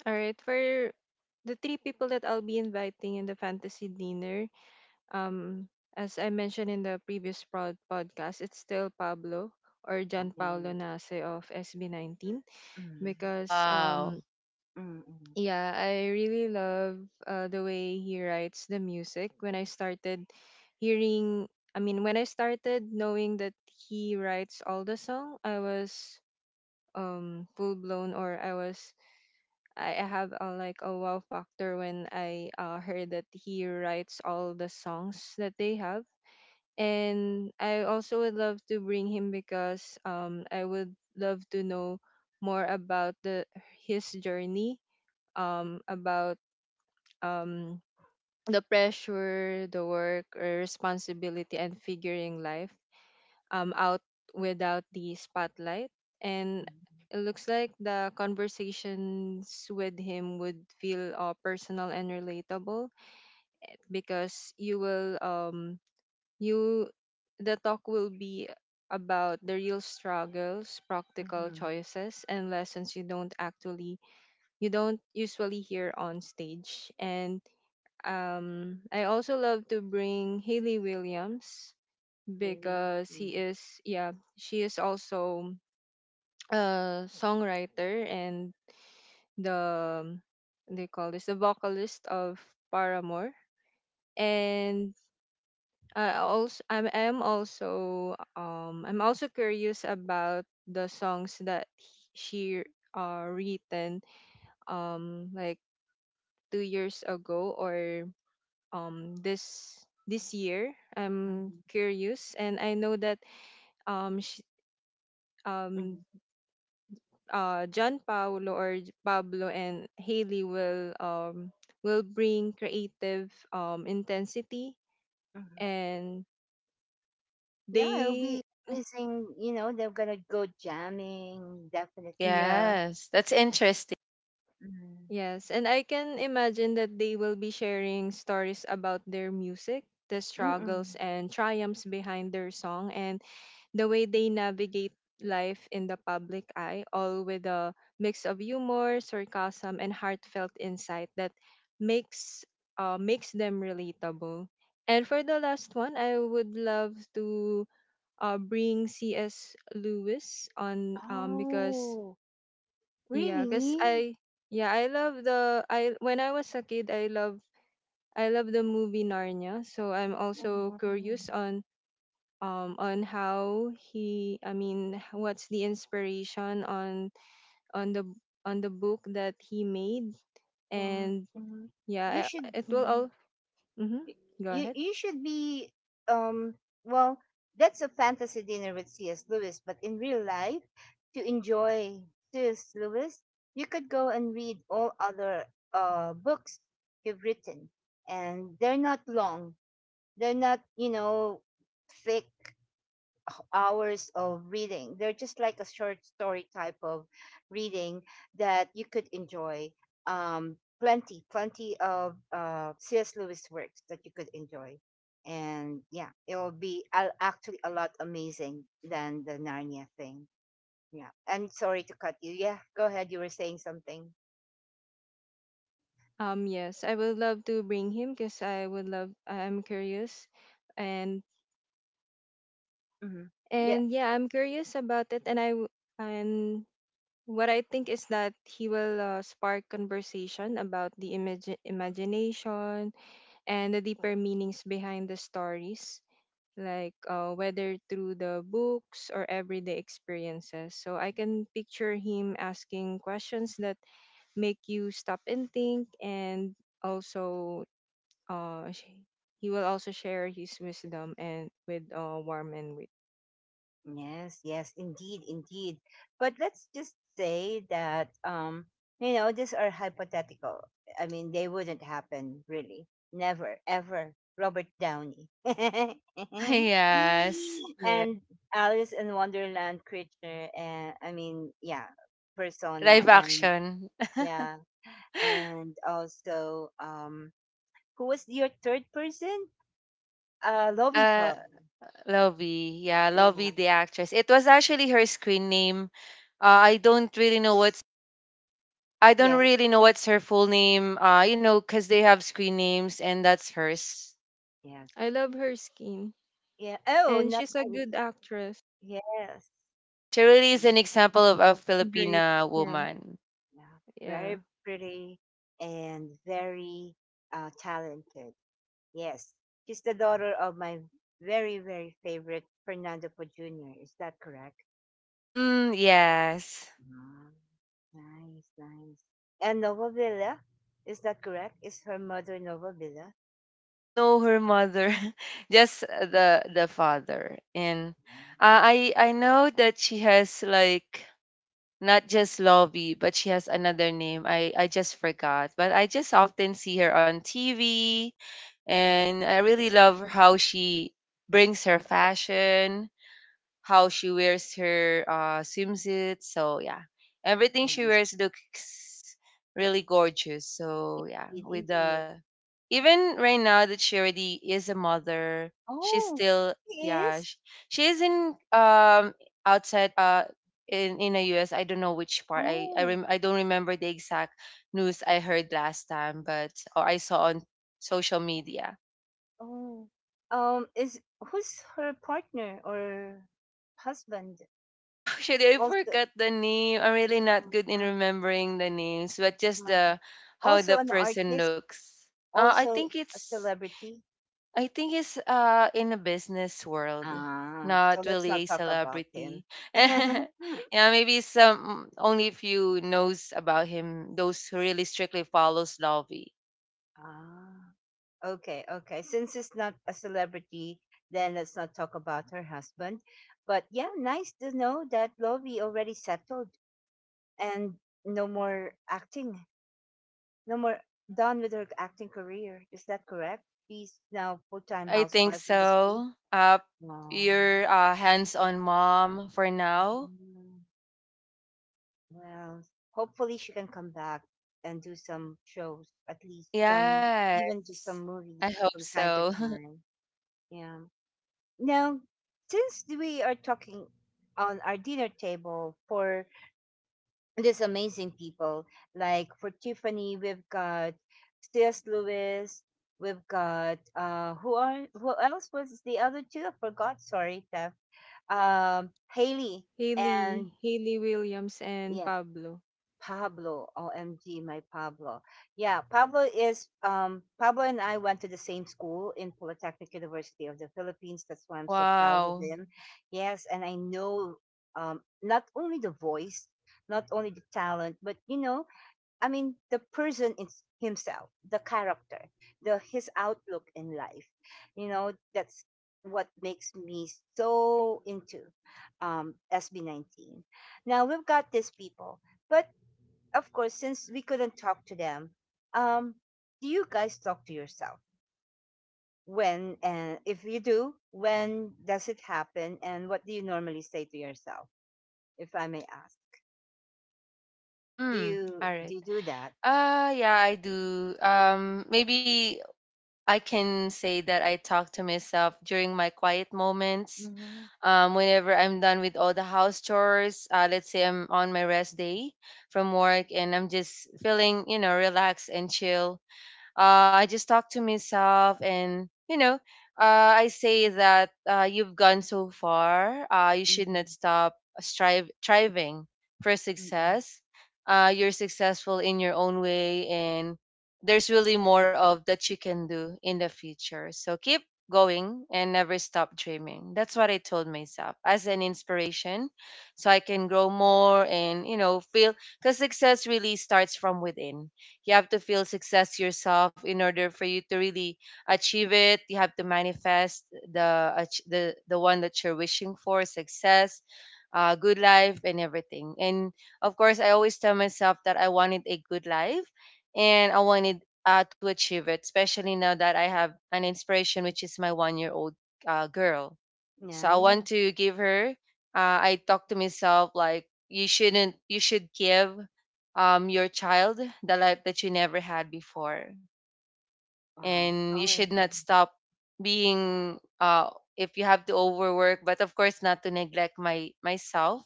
All right, for the three people that I'll be inviting in the fantasy dinner, um, as I mentioned in the previous podcast, it's still Pablo or John Paolo Mm, Nase of SB19, mm, because wow. Mm, mm, yeah, I really love the way he writes the music. When I started hearing, I mean, when I started knowing that he writes all the song, I was full blown, or I was I have like a wow factor when I heard that he writes all the songs that they have. And I also would love to bring him because I would love to know more about the his journey, about um, the pressure, the work, or responsibility, and figuring life out, without the spotlight. And mm, it looks like the conversations with him would feel personal and relatable, because you, the talk will be about the real struggles, practical mhm. choices, and lessons you don't usually hear on stage. And I also love to bring Haley Williams, Really? because he Mm, is yeah, she is also a songwriter and the they call this the vocalist of Paramore, and I'm also curious about the songs that she written, like 2 years ago or um this this year. I'm mhm, curious, and I know that um she, um mhm, John Paolo or Pablo and Haley will bring creative intensity mhm. and Yeah, it'll they be amazing. You know, they're gonna go jamming, definitely. yeah. Yes, that's interesting. Mm. Yes, and I can imagine that they will be sharing stories about their music, the struggles Mm-mm. and triumphs behind their song, and the way they navigate life in the public eye, all with a mix of humor, sarcasm, and heartfelt insight that makes makes them relatable. And for the last one, I would love to bring C.S. Lewis on, because Oh, yeah, cause really? I yeah, I love the I when I was a kid, I love the movie Narnia. So I'm also curious Mhm. on how he I mean, what's the inspiration on on the on the book that he made, Mm, and mm. You yeah, should. it will all mm-hmm, Y- go You ahead. you should be um well, that's a fantasy dinner with C.S. Lewis, but in real life, to enjoy C.S. Lewis, you could go and read all other books you've written, and they're not long. They're not thick hours of reading. They're just like a short story type of reading that you could enjoy. Plenty of C.S. Lewis works that you could enjoy. And yeah, it will be actually a lot amazing than the Narnia thing. Yeah. And sorry to cut you. Yeah, go ahead. You were saying something. Yes, I would love to bring him because I would love I'm curious, and Mm-hmm. and yeah, I'm curious about it, and what I think is that he will spark conversation about the imagination and the deeper meanings behind the stories, like whether through the books or everyday experiences. So I can picture him asking questions that make you stop and think, and also uh, sh- he will also share his wisdom and with warm and wit. Yes, yes, indeed, indeed. But let's just say that these are hypothetical. I mean, they wouldn't happen really. Never, ever. Robert Downey. Yes. Yeah, And Alice in Wonderland creature, and I mean, yeah, persona. Live And action. yeah, and also who was your third person? Lovey Uh, Pearl. Lovey. Yeah, Yeah. Lovey the actress. It was actually her screen name. I don't really know what's. Yes. Her full name, because they have screen names and that's hers. Yes. I love her skin, Yeah. Oh, and no. she's a good actress. Yes. She really is Mm, an example of a Great. Filipina Yeah. woman. yeah. Very Yeah. pretty and very talented. Yes. She's the daughter of my very, very favorite Fernando Po Jr. Is that correct? Mm, yes. Ah, nice, nice. And Nova Villa, is that correct? Is her mother Nova Villa? Don't know her mother, just the father. And I know that she has, like, not just Lovey, but she has another name. I just forgot. But I just often see her on TV, and I really love how she brings her fashion, how she wears her swimsuit. So yeah, everything she Nice. wears looks really gorgeous. So yeah, Indeed, with indeed. the, even right now that she already is a mother, she's Oh, still he yeah is? she, she is in, outside, in the U.S. I don't know which part. I I Oh, rem- I don't remember the exact news I heard last time, but or I saw on social media. oh. Is who's her partner or husband? Actually, I Also, forgot the name. I'm really not good in ah. remembering the names, but just the how Also the an person artist, looks. I also think a it's, celebrity. In a business world, Ah, so not let's really not a talk about him. celebrity. Yeah, maybe some only few knows about him. Those who really strictly follows Lovey. Ah, okay, okay. Since it's not a celebrity, then let's not talk about her husband. But yeah, nice to know that Lovey already settled, and no more acting, no more, done with her acting career. Is that correct? She's now full time I think housewife in the States. so. Ah. Your hands-on mom for now. Well, hopefully she can come back and do some shows, at least some, Yes, even just some I movies hope from time to so. time. Yeah. Now, since we are talking on our dinner table for these amazing people, like for Tiffany, we've got C.S. Lewis, we've got who are who else was the other two? I forgot. Sorry, Steph. Haley Haley, and Haley Williams and yeah, Pablo. Pablo. OMG, my Pablo. Yeah, Pablo is Pablo and I went to the same school in Polytechnic University of the Philippines. That's why I'm so proud of Wow. him. Yes, and I know not only the voice, not only the talent, but I mean, the person is himself, the character, the his outlook in life. You know, that's what makes me so into SB19. Now we've got these people, but of course, since we couldn't talk to them, um, do you guys talk to yourself? When and if you do, when does it happen, and what do you normally say to yourself, if I may ask? Do you All right. do you do that? Yeah, I do. Maybe I can say that I talk to myself during my quiet moments. Mm-hmm. Whenever I'm done with all the house chores, let's say I'm on my rest day from work and I'm just feeling relaxed and chill. I just talk to myself, and I say that, you've gone so far. You Mm-hmm. should not stop strive striving for Mm-hmm. success. You're successful in your own way, and there's really more of that you can do in the future. So keep going and never stop dreaming. That's what I told myself as an inspiration, so I can grow more, and feel, because success really starts from within. You have to feel success yourself in order for you to really achieve it. You have to manifest the the one that you're wishing for, success, good life, and everything. And of course, I always tell myself that I wanted a good life, and I wanted to achieve it, especially now that I have an inspiration, which is my 1-year-old old girl, so I want Nice. to give her. I talk to myself like, you shouldn't. You should give your child the life that you never had before, Wow. and you However, should not stop being. If you have to overwork, but of course not to neglect my myself,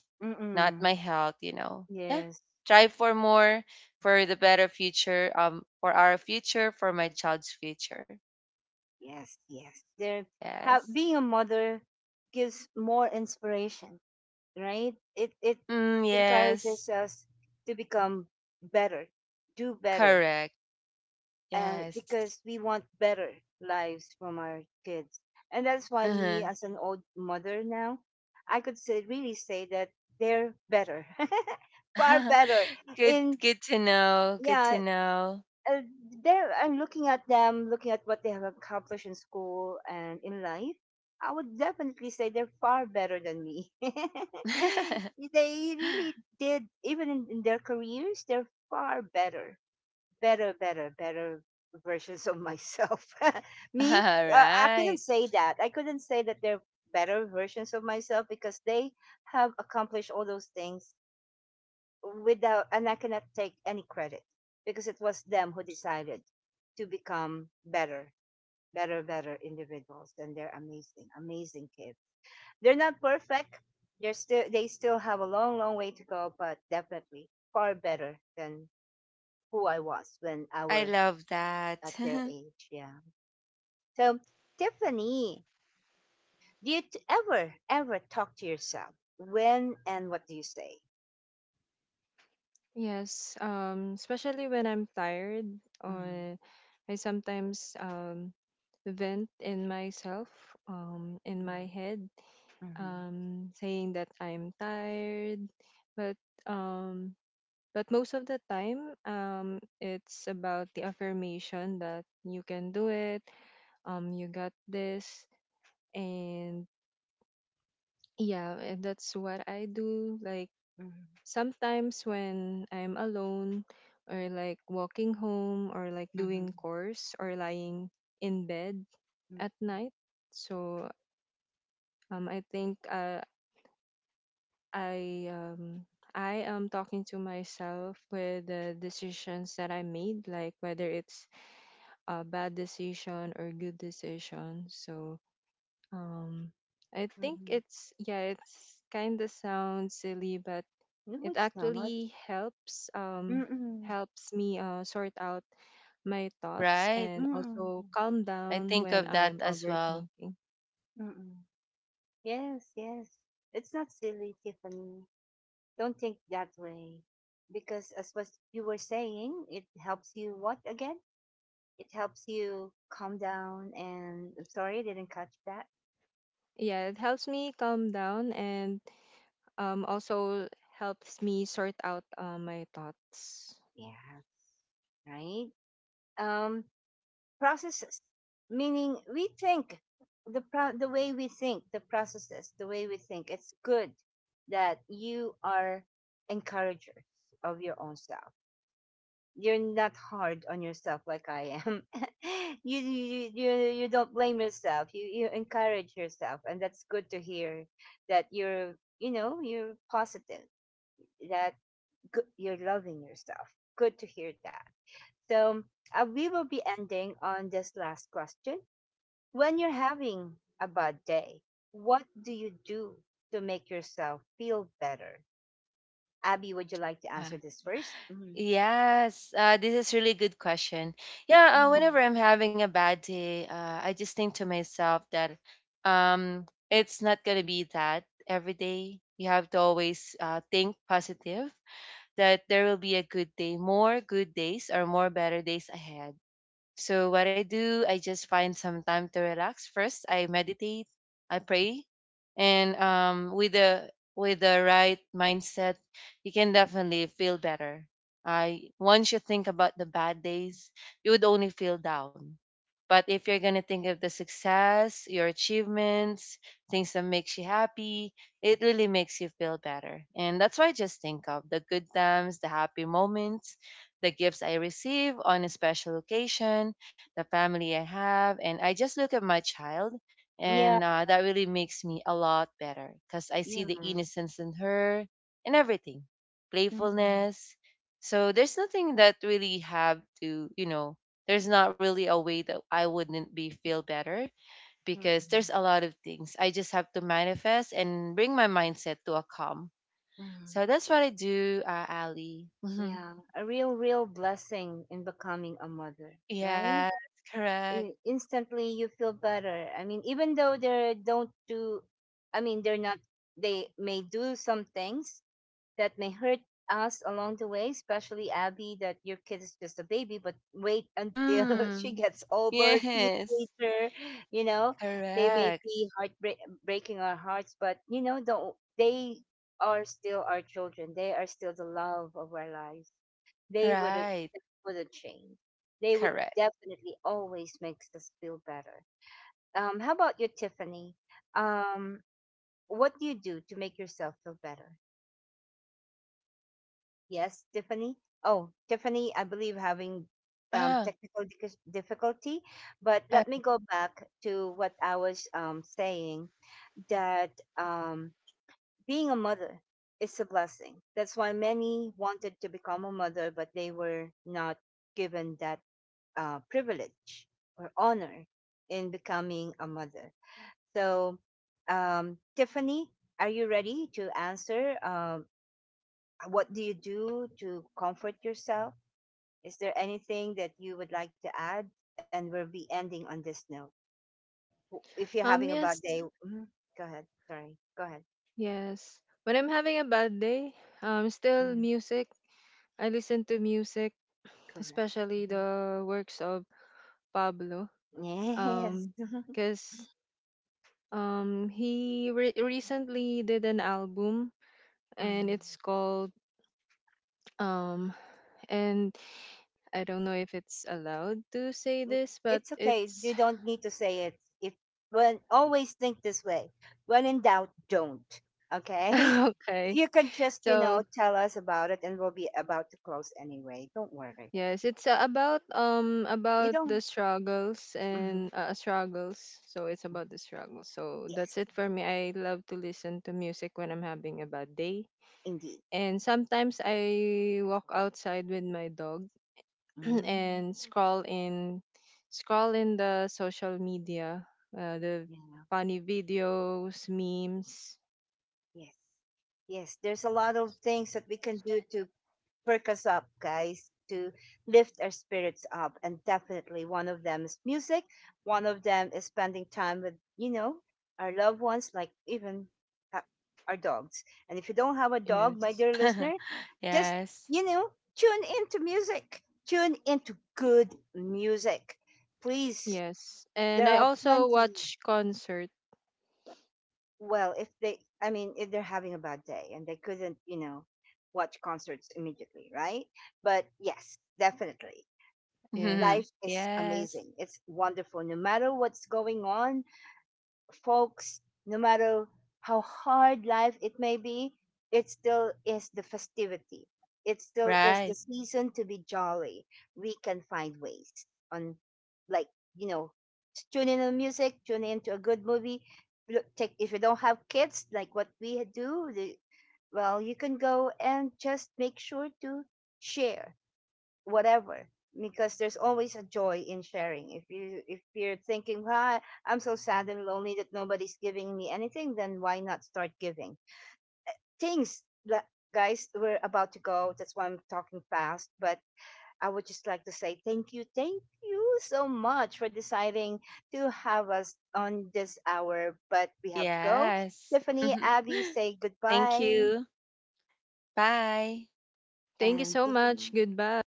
not mm-mm. my health. You know, yeah. Yes. Try for more, for the better future. For our future, for my child's future. Yes. Yes. There have, Yes. being a mother gives more inspiration, right? It Mm, encourages yes. us to become better, do better, Correct. and Yes. because we want better lives from our kids. And that's why Uh-huh. me as an old mother now, I could say really say that they're better. Far better Good in, good to know. Good to yeah, know. uh, there and looking at them, looking at what they have accomplished in school and in life, I would definitely say they're far better than me. They really did, even in their careers, they're far better, better, better, better versions of myself. All Me, I couldn't right. say that. I couldn't say that they're better versions of myself because they have accomplished all those things without, and I cannot take any credit because it was them who decided to become better, better, better individuals, and they're amazing, amazing kids. They're not perfect. They still have a long, long way to go, but definitely far better than who I was when I I was love at that. their age. Yeah. So Tiffany, ever, ever talk to yourself? When and what do you say? Yes, especially when I'm tired, Mm-hmm, or I sometimes vent in myself, in my mm-hmm, head, mm-hmm, saying that I'm tired, but um, but most of the time, it's about the affirmation that you can do it, you got this, and yeah, and that's what I do. Like, sometimes when I'm alone or like walking home or like doing chores or lying in bed at mm-hmm, night. So I think I um, I am talking to myself with the decisions that I made, like whether it's a bad decision or good decision. So um, I think mm-hmm. it's, yeah, it's kind of sounds silly, but No, it it's not. actually helps Mm-mm. helps me sort out my thoughts Right. and Mm-mm. also calm I down think when of that I'm as well. overthinking. Mm-mm. Yes, yes. It's not silly, Tiffany. Don't think that way. Because as what you were saying, it helps you what again? It helps you calm down, and I'm sorry I didn't catch that. Yeah, it helps me calm down, and also helps me sort out my thoughts. Yes. Right? Um, processes, meaning we think, the way we think, the processes, the way we think. It's good that you are encouragers of your own self. You're not hard on yourself like I am. you, you you you don't blame yourself. You encourage yourself, and that's good to hear. That you're, you know, you're positive. That good, you're loving yourself. Good to hear that. So we will be ending on this last question: when you're having a bad day, what do you do to make yourself feel better? Abby, would you like to Uh, answer this 1st? Yes, this is really good question. Yeah, Mm-hmm. whenever I'm having a bad day, I just think to myself that, um, it's not gonna be that every day. You have to always think positive that there will be a good day, more good days or more better days ahead. So what I do, I just find some time to relax. First, I meditate, I pray, and, with the right mindset, you can definitely feel better. I once you think about the bad days, you would only feel down. But if you're gonna think of the success, your achievements, things that makes you happy, it really makes you feel better. And that's why I just think of the good times, the happy moments, the gifts I receive on a special occasion, the family I have, and I just look at my child. Yeah. And that really makes me a lot better, because I see Yes. the innocence in her and everything, Mm-hmm. playfulness. So there's nothing that really have to, there's not really a way that I wouldn't be feel better, because there's Mm-mm. a lot of things. I just have to manifest and bring my mindset to a calm. Mm. So that's what I do, Ali. Yeah, a real, real blessing in becoming a mother, Yes, right? correct. In- instantly, you feel better. I mean, even though they don't do, I mean, they're not, they may do some things that may hurt us along the way, especially Abby, that your kid is just a baby, but wait until she Mm. gets older, Yes, teenager, you know, they may correct. be heartbreak breaking our hearts, but you know, don't, they are still our children. They are still the love of our lives. They Right, wouldn't change. They would correct. definitely always makes us feel better. How about you, Tiffany? Um, what do you do to make yourself feel better? Yes, Tiffany. Oh, Tiffany, I believe having Ah, technical difficulty, but uh, let me go back to what I was saying that um, being a mother is a blessing. That's why many wanted to become a mother, but they were not given that privilege or honor in becoming a mother. So, Tiffany, are you ready to answer? Um, what do you do to comfort yourself? Is there anything that you would like to add? And we'll be ending on this note. If you're having a bad Yes, day, mhm, go ahead. Sorry, go ahead. yes. When I'm having a bad day, still Mhm, music. I listen to music, correct. especially Mhm. the works of Pablo. Yes. Um, because he recently did an album and Mhm. it's called um and I don't know if it's allowed to say Mm, this, but it's okay. it's You don't need to say it. If, when, always think this way. When in doubt, don't. Okay? okay. You can just, you know, So, tell us about it, and we'll be about to close anyway. Don't worry. yes, it's You about the don't. struggles Mhm. and struggles. So it's about the struggles. So Yes, that's it for me. I love to listen to music when I'm having a bad day. indeed. And sometimes I walk outside with my dog Mm, and scroll in, the social media, the yeah, funny videos, memes. yes. Yes, there's a lot of things that we can do to perk us up, guys, to lift our spirits up. And definitely one of them is music. One of them is spending time with, you know, our loved ones, like even ha- our dogs. And if you don't have a dog, my Yes, dear listener, just, yes. you know, tune into music. Tune into good music. Please, yes. there And I are also plenty. watch concert. Well, if they, I mean, if they're having a bad day and they couldn't, you know, watch concerts immediately, right? But yes, definitely. Yes, Life is Yes, amazing. It's wonderful. No matter what's going on, folks, no matter how hard life it may be, it still is the festivity. It still is the right. season to be jolly. We can find ways on, like, you know, tune in to music, tune in to a good movie. Look, take, if you don't have kids, like what we do, the, well, you can go and just make sure to share whatever, because there's always a joy in sharing. If you if you're thinking, ah, I'm so sad and lonely that nobody's giving me anything, then why not start giving things? Guys, we're about to go. That's why I'm talking fast, but I would just like to say thank you, thank you so much for deciding to have us on this hour, but we have to go. Yes. Tiffany, Abby, say Thank goodbye. you. Bye. thank you And so much. Tiffany. Goodbye.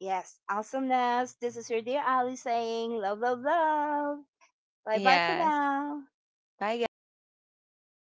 Yes, awesomeness. This is your dear Ali saying love, love, love. Bye bye for Yes. now. Bye, guys.